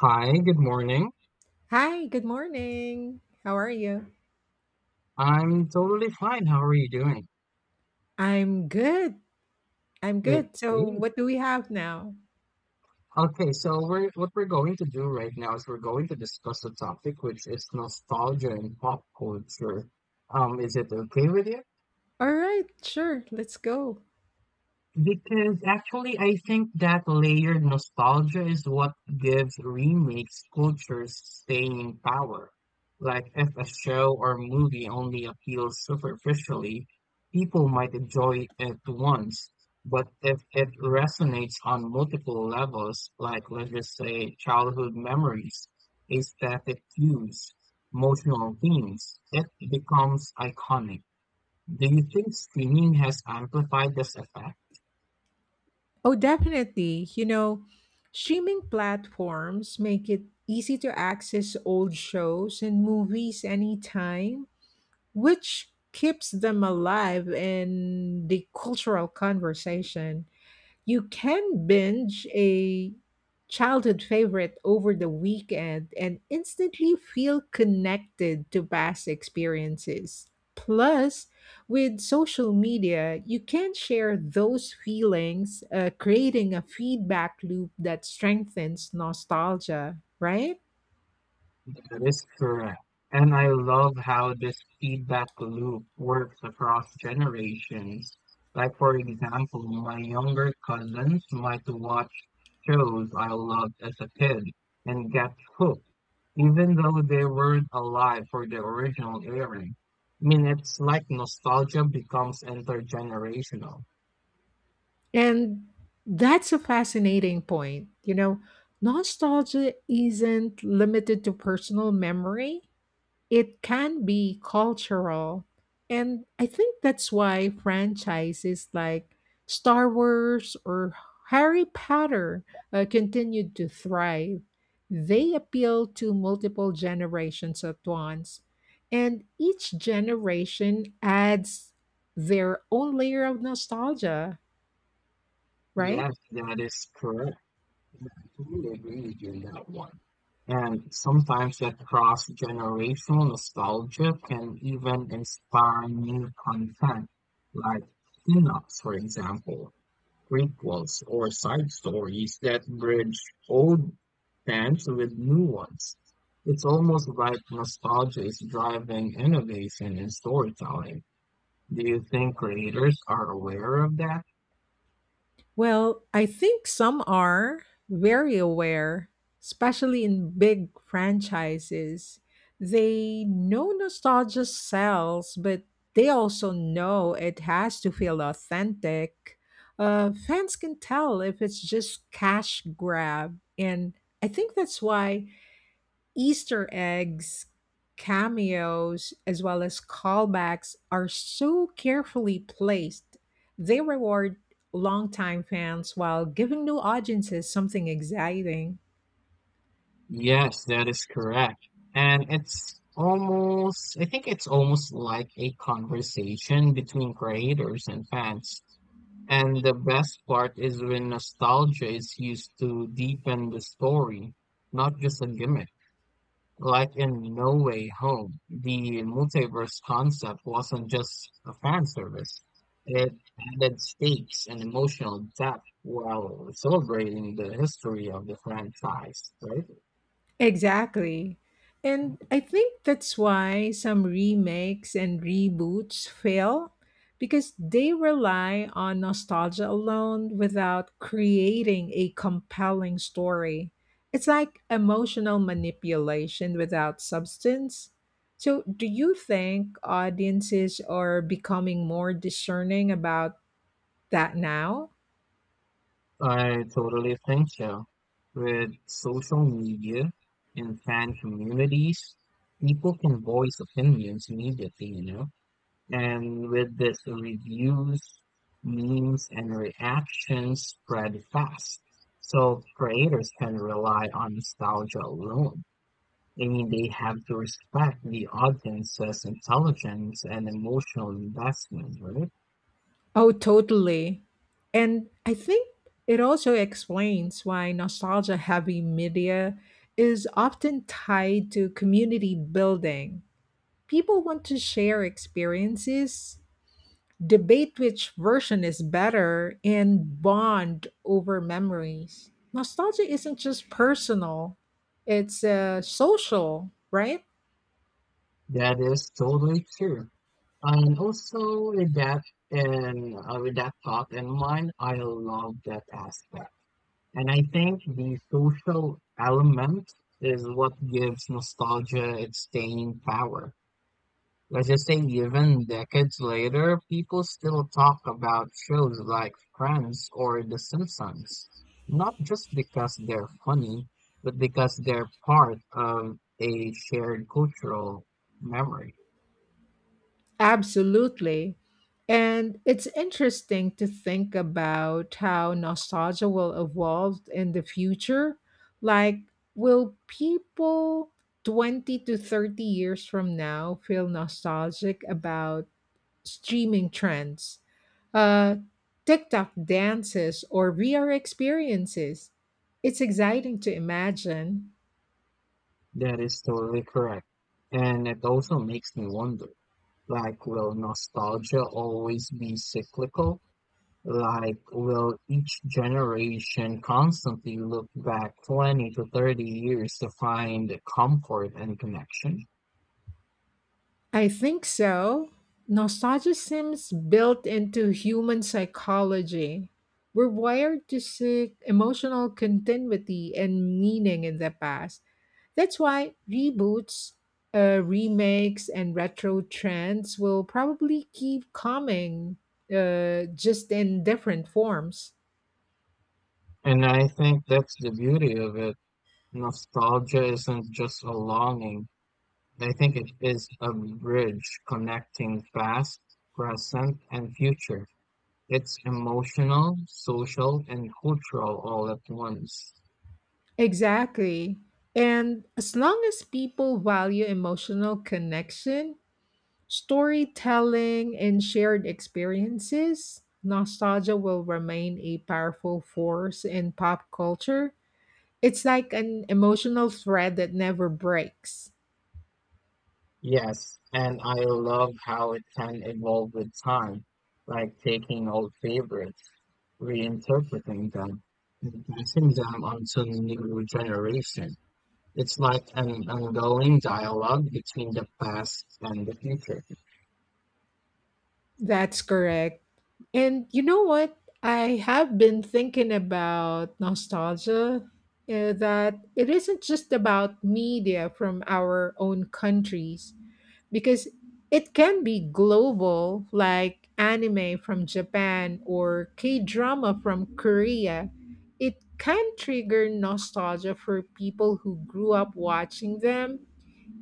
Hi, good morning. Hi, good morning. How are you? I'm totally fine. How are you doing? I'm good. Okay. So, what do we have now? Okay, so we're what we're going to do right now is we're going to discuss the topic, which is nostalgia and pop culture. Is it okay with you? All right, sure. Let's go. Because actually, I think that layered nostalgia is what gives remakes cultures staying power. Like, if a show or movie only appeals superficially, people might enjoy it once. But if it resonates on multiple levels, like let's just say childhood memories, aesthetic cues, emotional themes, it becomes iconic. Do you think streaming has amplified this effect? Oh, definitely. You know, streaming platforms make it easy to access old shows and movies anytime, which keeps them alive in the cultural conversation. You can binge a childhood favorite over the weekend and instantly feel connected to past experiences. Plus, with social media, you can share those feelings, creating a feedback loop that strengthens nostalgia, right? That is correct. And I love how this feedback loop works across generations. Like, for example, my younger cousins might watch shows I loved as a kid and get hooked, even though they weren't alive for the original airing. I mean, it's like nostalgia becomes intergenerational. And that's a fascinating point. You know, nostalgia isn't limited to personal memory. It can be cultural. And I think that's why franchises like Star Wars or Harry Potter continued to thrive. They appeal to multiple generations at once, and each generation adds their own layer of nostalgia, right? Yes, that is correct. I totally agree with you on that one. And sometimes that cross-generational nostalgia can even inspire new content, like spin-offs, for example, prequels, or side stories that bridge old fans with new ones. It's almost like nostalgia is driving innovation in storytelling. Do you think creators are aware of that? Well, I think some are very aware, especially in big franchises. They know nostalgia sells, but they also know it has to feel authentic. Fans can tell if it's just cash grab, and I think that's why Easter eggs, cameos, as well as callbacks are so carefully placed. They reward longtime fans while giving new audiences something exciting. Yes, that is correct. And it's almost, I think it's almost like a conversation between creators and fans. And the best part is when nostalgia is used to deepen the story, not just a gimmick. Like in No Way Home, the multiverse concept wasn't just a fan service. It added stakes and emotional depth while celebrating the history of the franchise, right? Exactly. And I think that's why some remakes and reboots fail because they rely on nostalgia alone without creating a compelling story. It's like emotional manipulation without substance. So, do you think audiences are becoming more discerning about that now? I totally think so. With social media and fan communities, people can voice opinions immediately, you know? And with this, reviews, memes, and reactions spread fast. So creators can rely on nostalgia alone. I mean, they have to respect the audience's intelligence and emotional investment, right? Oh, totally. And I think it also explains why nostalgia heavy media is often tied to community building. People want to share experiences, debate which version is better, and bond over memories. Nostalgia isn't just personal, it's social, right? That is totally true. And also with that and with that thought in mind, I love that aspect. And I think the social element is what gives nostalgia its staying power. Let's just say even decades later, people still talk about shows like Friends or The Simpsons, not just because they're funny, but because they're part of a shared cultural memory. Absolutely. And it's interesting to think about how nostalgia will evolve in the future. Like, will people 20 to 30 years from now feel nostalgic about streaming trends, uh, TikTok dances, or VR experiences? It's exciting to imagine. That is totally correct. And it also makes me wonder, like, will nostalgia always be cyclical? Like, will each generation constantly look back 20 to 30 years to find comfort and connection? I think so. Nostalgia seems built into human psychology. We're wired to seek emotional continuity and meaning in the past. That's why reboots, remakes, and retro trends will probably keep coming, just in different forms. And I think that's the beauty of it. Nostalgia isn't just a longing. I think it is a bridge connecting past, present, and future. It's emotional, social, and cultural all at once. Exactly. And as long as people value emotional connection, storytelling and shared experiences, nostalgia will remain a powerful force in pop culture. It's like an emotional thread that never breaks. Yes, and I love how it can evolve with time, like taking old favorites, reinterpreting them, and passing them on to new generation. It's like an ongoing dialogue between the past and the future. That's correct. And you know what? I have been thinking about nostalgia, that it isn't just about media from our own countries, because it can be global, like anime from Japan or K drama from Korea. It can trigger nostalgia for people who grew up watching them,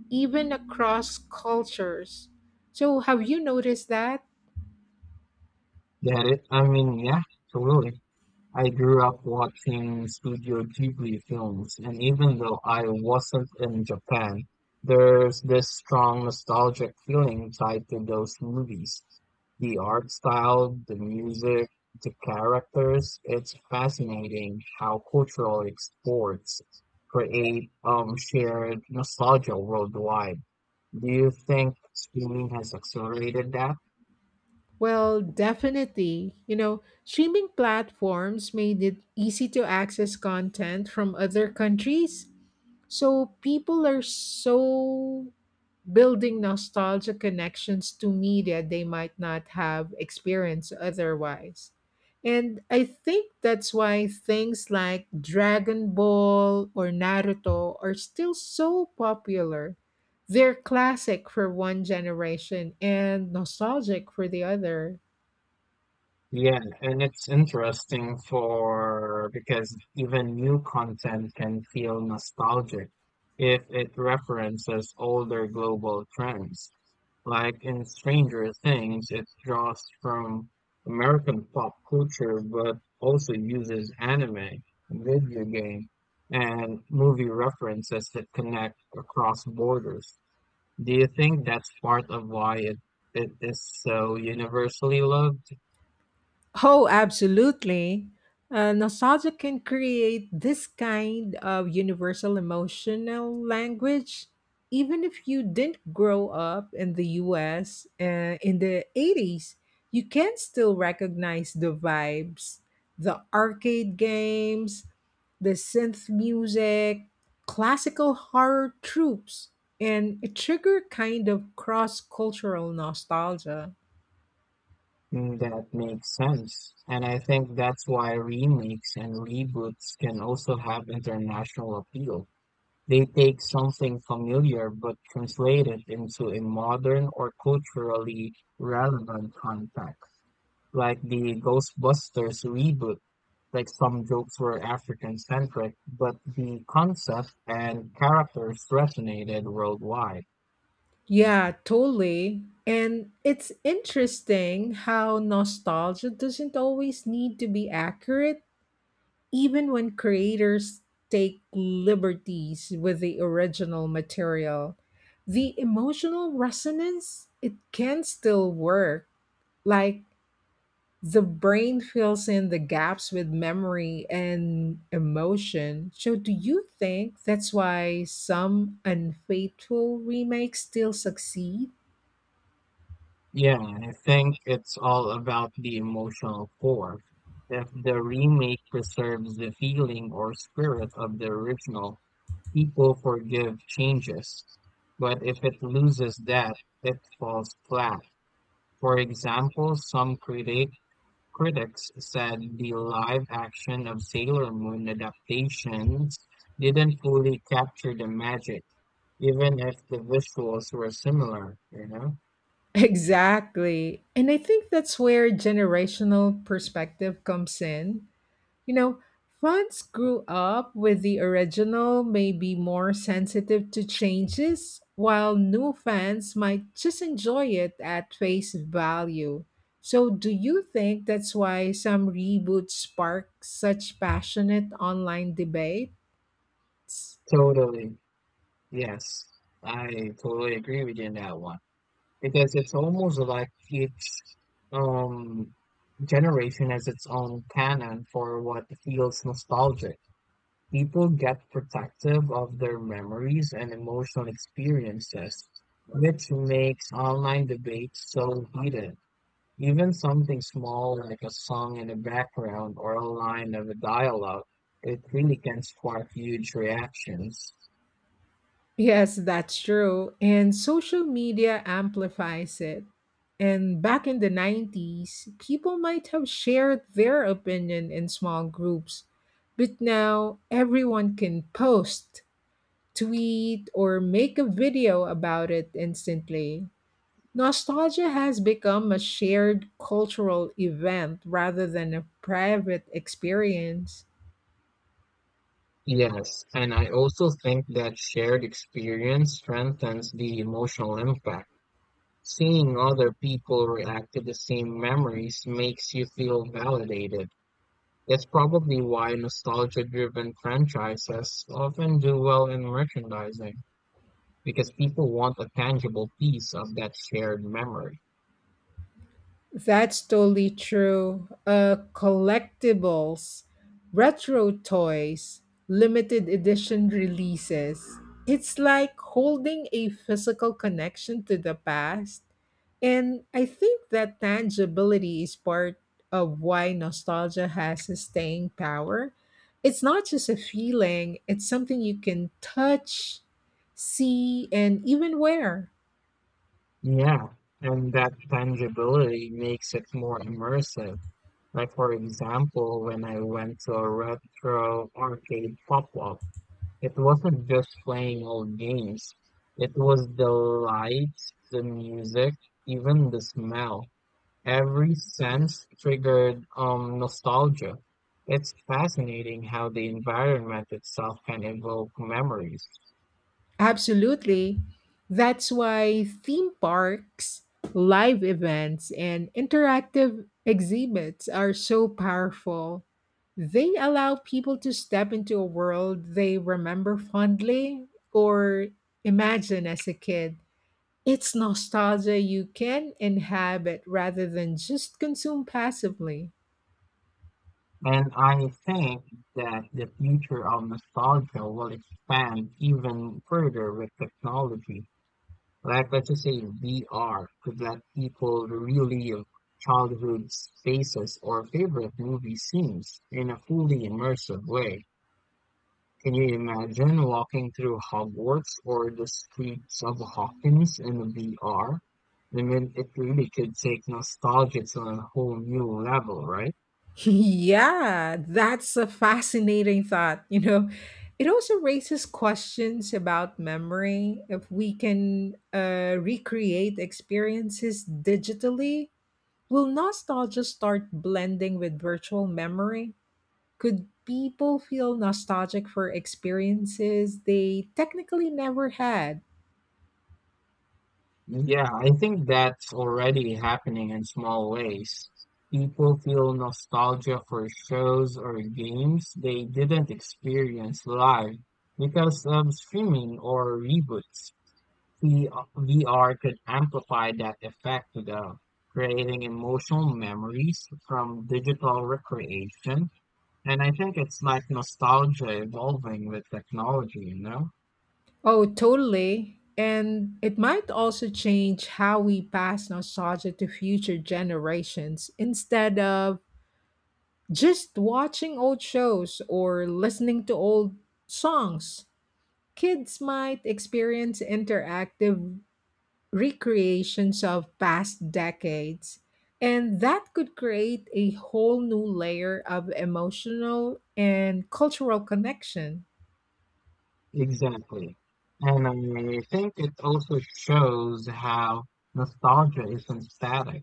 even across cultures. So, have you noticed that? Get it? I mean, yeah, totally. I grew up watching Studio Ghibli films, and even though I wasn't in Japan, there's this strong nostalgic feeling tied to those movies. The art style, the music, the characters, it's fascinating how cultural exports create shared nostalgia worldwide. Do you think streaming has accelerated that? Well, definitely. You know, streaming platforms made it easy to access content from other countries. So people are so building nostalgia connections to media they might not have experienced otherwise. And I think that's why things like Dragon Ball or Naruto are still so popular. They're classic for one generation and nostalgic for the other. Yeah, and it's interesting for because even new content can feel nostalgic if it references older global trends. Like in Stranger Things, it draws from American pop culture but also uses anime, video game, and movie references that connect across borders. Do you think that's part of why it is so universally loved? Oh, absolutely. Nostalgia can create this kind of universal emotional language, even if you didn't grow up in the US in the 80s. You can still recognize the vibes, the arcade games, the synth music, classical horror tropes, and a trigger kind of cross cultural nostalgia. Mm, that makes sense. And I think that's why remakes and reboots can also have international appeal. They take something familiar but translate it into a modern or culturally relevant context, like the Ghostbusters reboot. Like some jokes were African centric, but the concept and characters resonated worldwide. Yeah, totally. And it's interesting how nostalgia doesn't always need to be accurate, even when creators take liberties with the original material. The emotional resonance, it can still work. Like the brain fills in the gaps with memory and emotion. So, do you think that's why some unfaithful remakes still succeed? Yeah, I think it's all about the emotional core. If the remake preserves the feeling or spirit of the original, people forgive changes. But if it loses that, it falls flat. For example, some critics said the live action of Sailor Moon adaptations didn't fully capture the magic, even if the visuals were similar, you know? Exactly. And I think that's where generational perspective comes in. You know, fans grew up with the original, may be more sensitive to changes, while new fans might just enjoy it at face value. So, do you think that's why some reboots spark such passionate online debates? Totally. Yes, I totally agree with you in that one because it's almost like each um generation has its own canon for what feels nostalgic. People get protective of their memories and emotional experiences, which makes online debates so heated. Even something small like a song in the background or a line of a dialogue, it really can spark huge reactions. Yes, that's true. And social media amplifies it. And back in the 90s, people might have shared their opinion in small groups. But now everyone can post, tweet, or make a video about it instantly. Nostalgia has become a shared cultural event rather than a private experience. Yes, and I also think that shared experience strengthens the emotional impact. Seeing other people react to the same memories makes you feel validated. That's probably why nostalgia-driven franchises often do well in merchandising, because people want a tangible piece of that shared memory. That's totally true. Collectibles, retro toys, limited edition releases. It's like holding a physical connection to the past. And I think that tangibility is part of why nostalgia has a staying power. It's not just a feeling, it's something you can touch, see, and even wear. Yeah, and that tangibility makes it more immersive. Like for example, when I went to a retro arcade pop up, it wasn't just playing old games. It was the lights, the music, even the smell. Every sense triggered nostalgia. It's fascinating how the environment itself can evoke memories. Absolutely. That's why theme parks, live events, and interactive exhibits are so powerful. They allow people to step into a world they remember fondly or imagine as a kid. It's nostalgia you can inhabit rather than just consume passively. And I think that the future of nostalgia will expand even further with technology. Like what you say, VR could let people relive childhood spaces or favorite movie scenes in a fully immersive way. Can you imagine walking through Hogwarts or the streets of Hawkins in a VR? I mean, it really could take nostalgia to a whole new level, right? Yeah, that's a fascinating thought. You know, it also raises questions about memory. If we can recreate experiences digitally, will nostalgia start blending with virtual memory? Could people feel nostalgic for experiences they technically never had? Yeah, I think that's already happening in small ways. People feel nostalgia for shows or games they didn't experience live because of streaming or reboots. V- VR could amplify that effect without creating emotional memories from digital recreation. And I think it's like nostalgia evolving with technology, you know? Oh, totally. And it might also change how we pass nostalgia to future generations instead of just watching old shows or listening to old songs, kids might experience interactive recreations of past decades. And that could create a whole new layer of emotional and cultural connection. Exactly. And I think it also shows how nostalgia isn't static.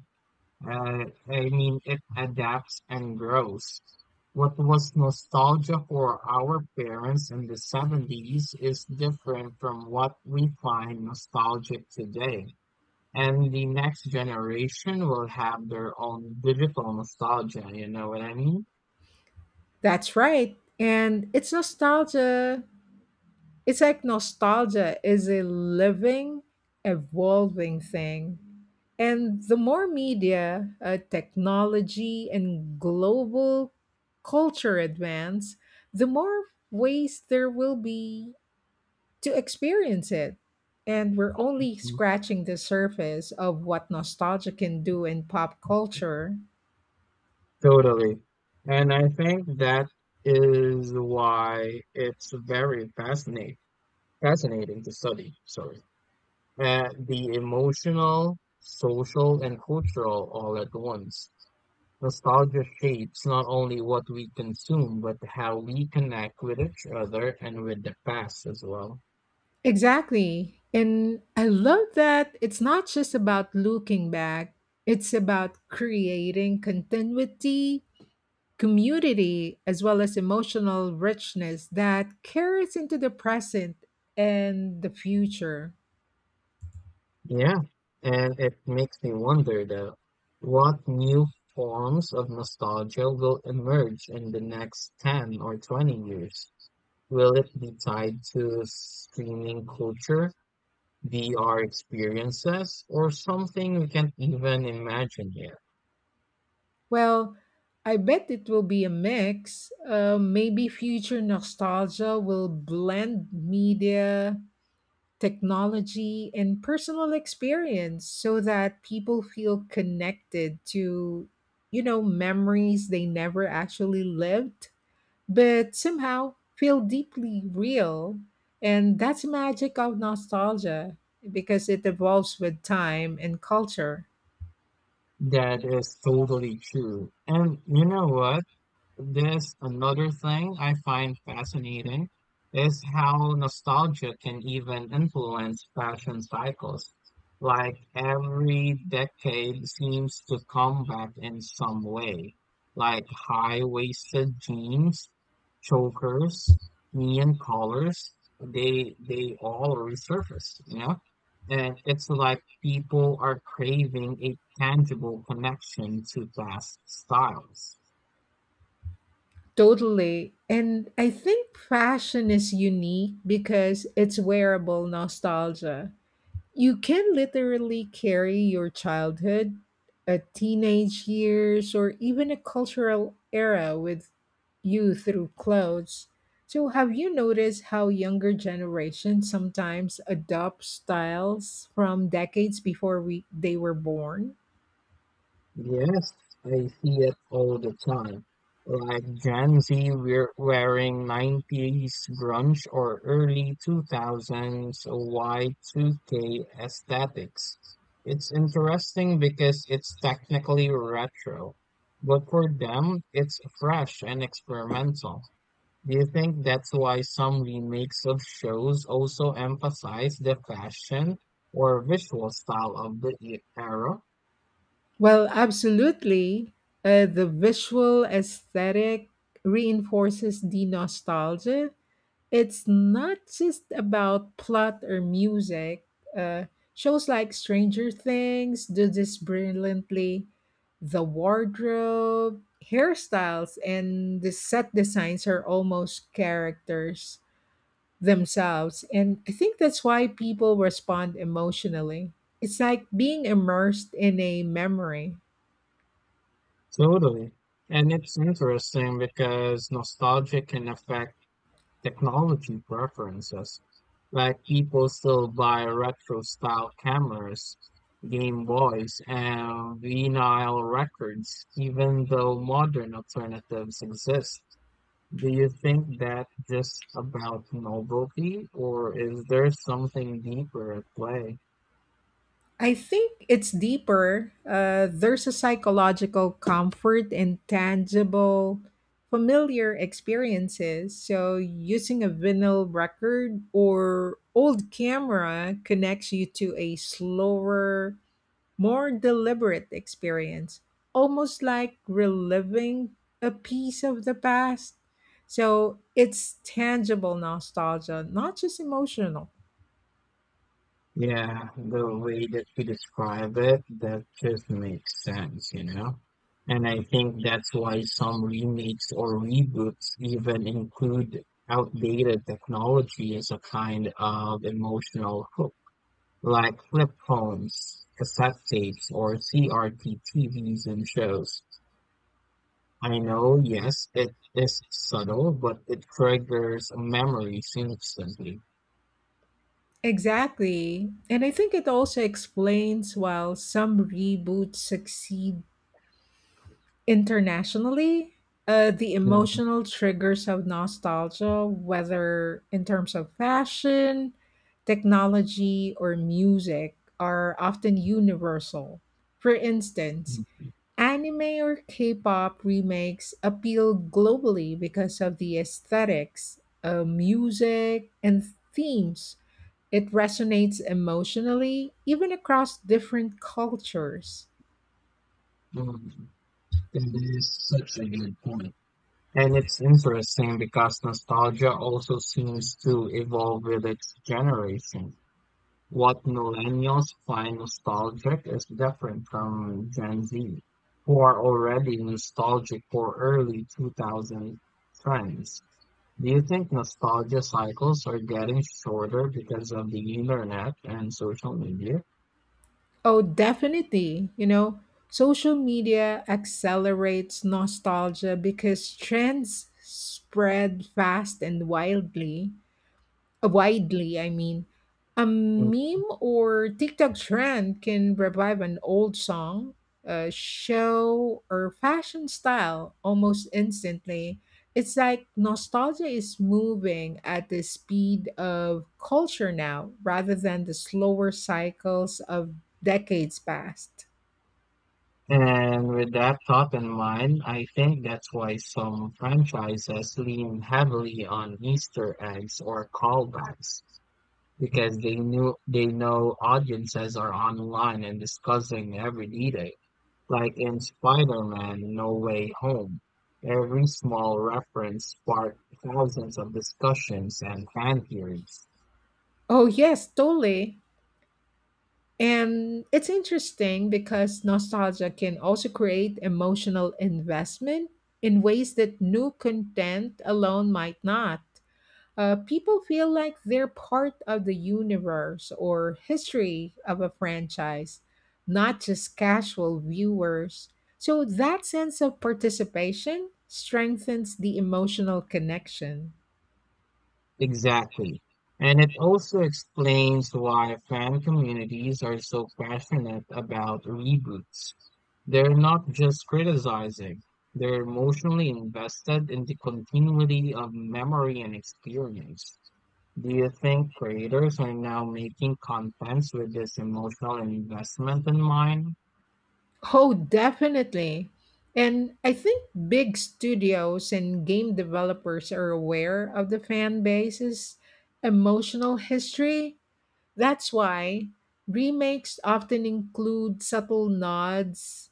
I mean, it adapts and grows. What was nostalgia for our parents in the 70s is different from what we find nostalgic today. And the next generation will have their own digital nostalgia, you know what I mean? That's right. And it's nostalgia It's like nostalgia is a living, evolving thing. And the more media, technology, and global culture advance, the more ways there will be to experience it. And we're only scratching the surface of what nostalgia can do in pop culture. Totally. And I think that is why it's very fascinating to study, sorry, the emotional, social, and cultural all at once. Nostalgia shapes not only what we consume, but how we connect with each other and with the past as well. Exactly. And I love that it's not just about looking back, it's about creating continuity, community, as well as emotional richness that carries into the present and the future. Yeah. And it makes me wonder though, what new forms of nostalgia will emerge in the next 10 or 20 years? Will it be tied to streaming culture, VR experiences, or something we can't even imagine yet? Well, I bet it will be a mix. Maybe future nostalgia will blend media technology, and personal experience so that people feel connected to, you know, memories they never actually lived, but somehow feel deeply real. And that's the magic of nostalgia because it evolves with time and culture. That is totally true. And you know what? This another thing I find fascinating is how nostalgia can even influence fashion cycles. Like every decade seems to come back in some way, like high-waisted jeans, chokers, neon colors, they all resurface, you know? And it's like people are craving a tangible connection to past styles. Totally. And I think fashion is unique because it's wearable nostalgia. You can literally carry your childhood, a teenage years, or even a cultural era with you through clothes. So, have you noticed how younger generations sometimes adopt styles from decades before we they were born? Yes, I see it all the time. Like Gen Z we're wearing 90s grunge or early 2000s Y2K aesthetics. It's interesting because it's technically retro, but for them, it's fresh and experimental. Do you think that's why some remakes of shows also emphasize the fashion or visual style of the era? Well, absolutely. The visual aesthetic reinforces the nostalgia. It's not just about plot or music. Uh, Shows like Stranger Things do this brilliantly. The wardrobe, hairstyles, and the set designs are almost characters themselves. And I think that's why people respond emotionally. It's like being immersed in a memory. Totally. And it's interesting because nostalgia can affect technology preferences. Like people still buy retro style cameras, Game Boys, and vinyl records, even though modern alternatives exist. Do you think that just about novelty, or is there something deeper at play? I think it's deeper. There's a psychological comfort in tangible, familiar experiences. So, using a vinyl record or old camera connects you to a slower, more deliberate experience, almost like reliving a piece of the past. So, it's tangible nostalgia, not just emotional. Yeah, the way that you describe it, that just makes sense, you know? And I think that's why some remakes or reboots even include outdated technology as a kind of emotional hook, like flip phones, cassette tapes, or CRT TVs and shows. I know, yes, it is subtle, but it triggers memories instantly. Exactly. And I think it also explains why some reboots succeed internationally, the Mhm. emotional triggers of nostalgia, whether in terms of fashion, technology, or music, are often universal. For instance, anime or K pop remakes appeal globally because of the aesthetics, music, and themes it resonates emotionally, even across different cultures. Mhm. That is such a good point. And it's interesting because nostalgia also seems to evolve with its generation. What millennials find nostalgic is different from Gen Z, who are already nostalgic for early 2000 trends. Do you think nostalgia cycles are getting shorter because of the internet and social media? Oh, definitely. You know, social media accelerates nostalgia because trends spread fast and wildly. Widely, I mean. A meme or TikTok trend can revive an old song, a show, or fashion style almost instantly. It's like nostalgia is moving at the speed of culture now rather than the slower cycles of decades past. And with that thought in mind, I think that's why some franchises lean heavily on Easter eggs or callbacks, because they knew they know audiences are online and discussing every detail. Like in Spider-Man No Way Home, every small reference sparked thousands of discussions and fan theories. Oh, yes, totally. And it's interesting because nostalgia can also create emotional investment in ways that new content alone might not. People feel like they're part of the universe or history of a franchise, not just casual viewers. So that sense of participation strengthens the emotional connection. Exactly. And it also explains why fan communities are so passionate about reboots. They're not just criticizing, they're emotionally invested in the continuity of memory and experience. Do you think creators are now making contents with this emotional investment in mind? Oh, definitely. And I think big studios and game developers are aware of the fan base's emotional history. That's why remakes often include subtle nods,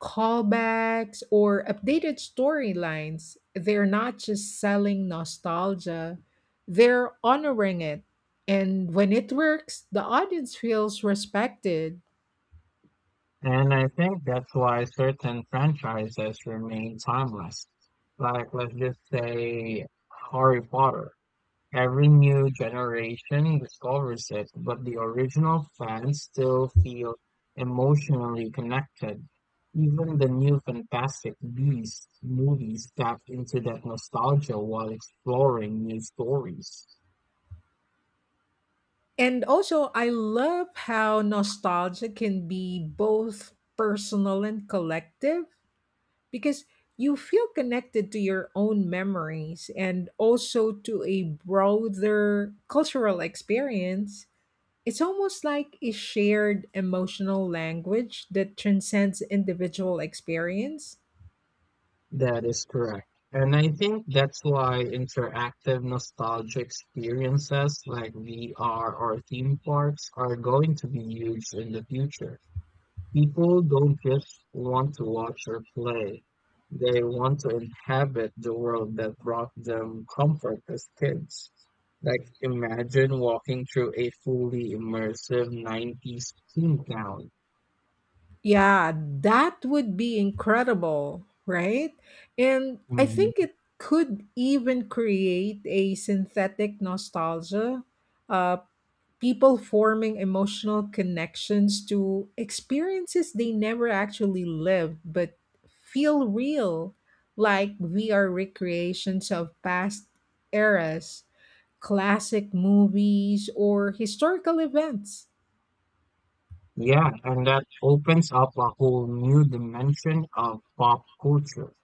callbacks, or updated storylines. They're not just selling nostalgia, they're honoring it. And when it works, the audience feels respected. And I think that's why certain franchises remain timeless. Like, let's just say Harry Potter. Every new generation discovers it, but the original fans still feel emotionally connected. Even the new Fantastic Beasts movies tap into that nostalgia while exploring new stories. And also, I love how nostalgia can be both personal and collective because you feel connected to your own memories and also to a broader cultural experience. It's almost like a shared emotional language that transcends individual experience. That is correct. And I think that's why interactive nostalgia experiences like VR or theme parks are going to be huge in the future. People don't just want to watch or play. They want to inhabit the world that brought them comfort as kids. Like imagine walking through a fully immersive 90s theme town. Yeah, that would be incredible, right? And I think Mhm. it could even create a synthetic nostalgia, uh, people forming emotional connections to experiences they never actually lived but feel real, like VR recreations of past eras, classic movies, or historical events. Yeah, and that opens up a whole new dimension of pop culture.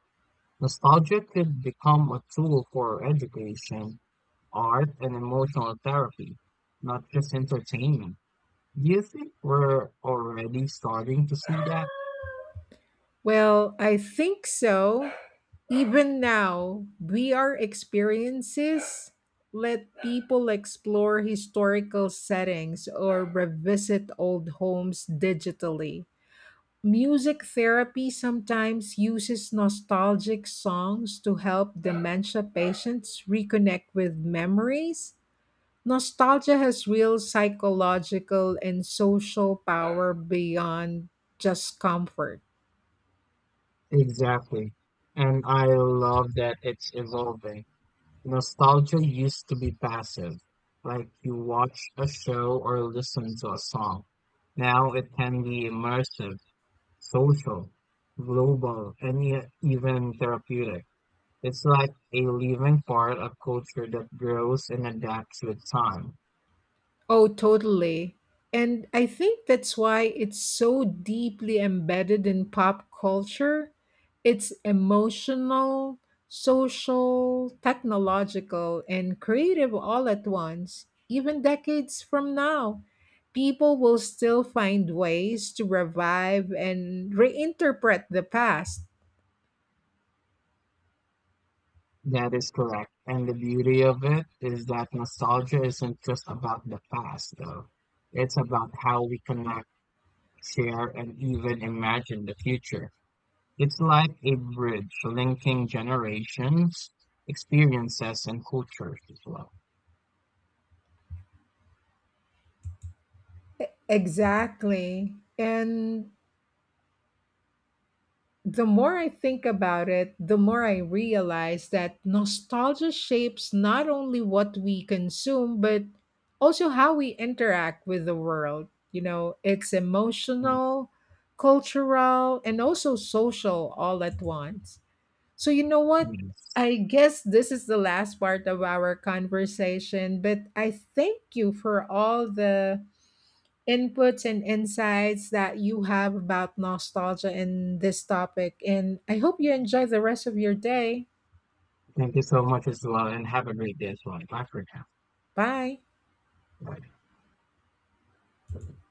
Nostalgia could become a tool for education, art, and emotional therapy, not just entertainment. Do you think we're already starting to see that? Well, I think so. Even now, VR experiences let people explore historical settings or revisit old homes digitally. Music therapy sometimes uses nostalgic songs to help dementia patients reconnect with memories. Nostalgia has real psychological and social power beyond just comfort. Exactly. And I love that it's evolving. Nostalgia used to be passive, like you watched a show or listened to a song. Now it can be immersive, social, global, and yet even therapeutic. It's like a living part of culture that grows and adapts with time. Oh, totally. And I think that's why it's so deeply embedded in pop culture. It's emotional, social, technological, and creative all at once. Even decades from now, people will still find ways to revive and reinterpret the past. That is correct. And the beauty of it is that nostalgia isn't just about the past, though. It's about how we connect, share, and even imagine the future. It's like a bridge linking generations, experiences, and cultures as well. Exactly. And the more I think about it, the more I realize that nostalgia shapes not only what we consume, but also how we interact with the world. You know, it's Mm, emotional, cultural, and also social all at once. So, you know what? yes. I guess this is the last part of our conversation, but I thank you for all the inputs and insights that you have about nostalgia and this topic. And I hope you enjoy the rest of your day. Thank you so much as well, and have a great day as well. Bye for Bye. now. Bye.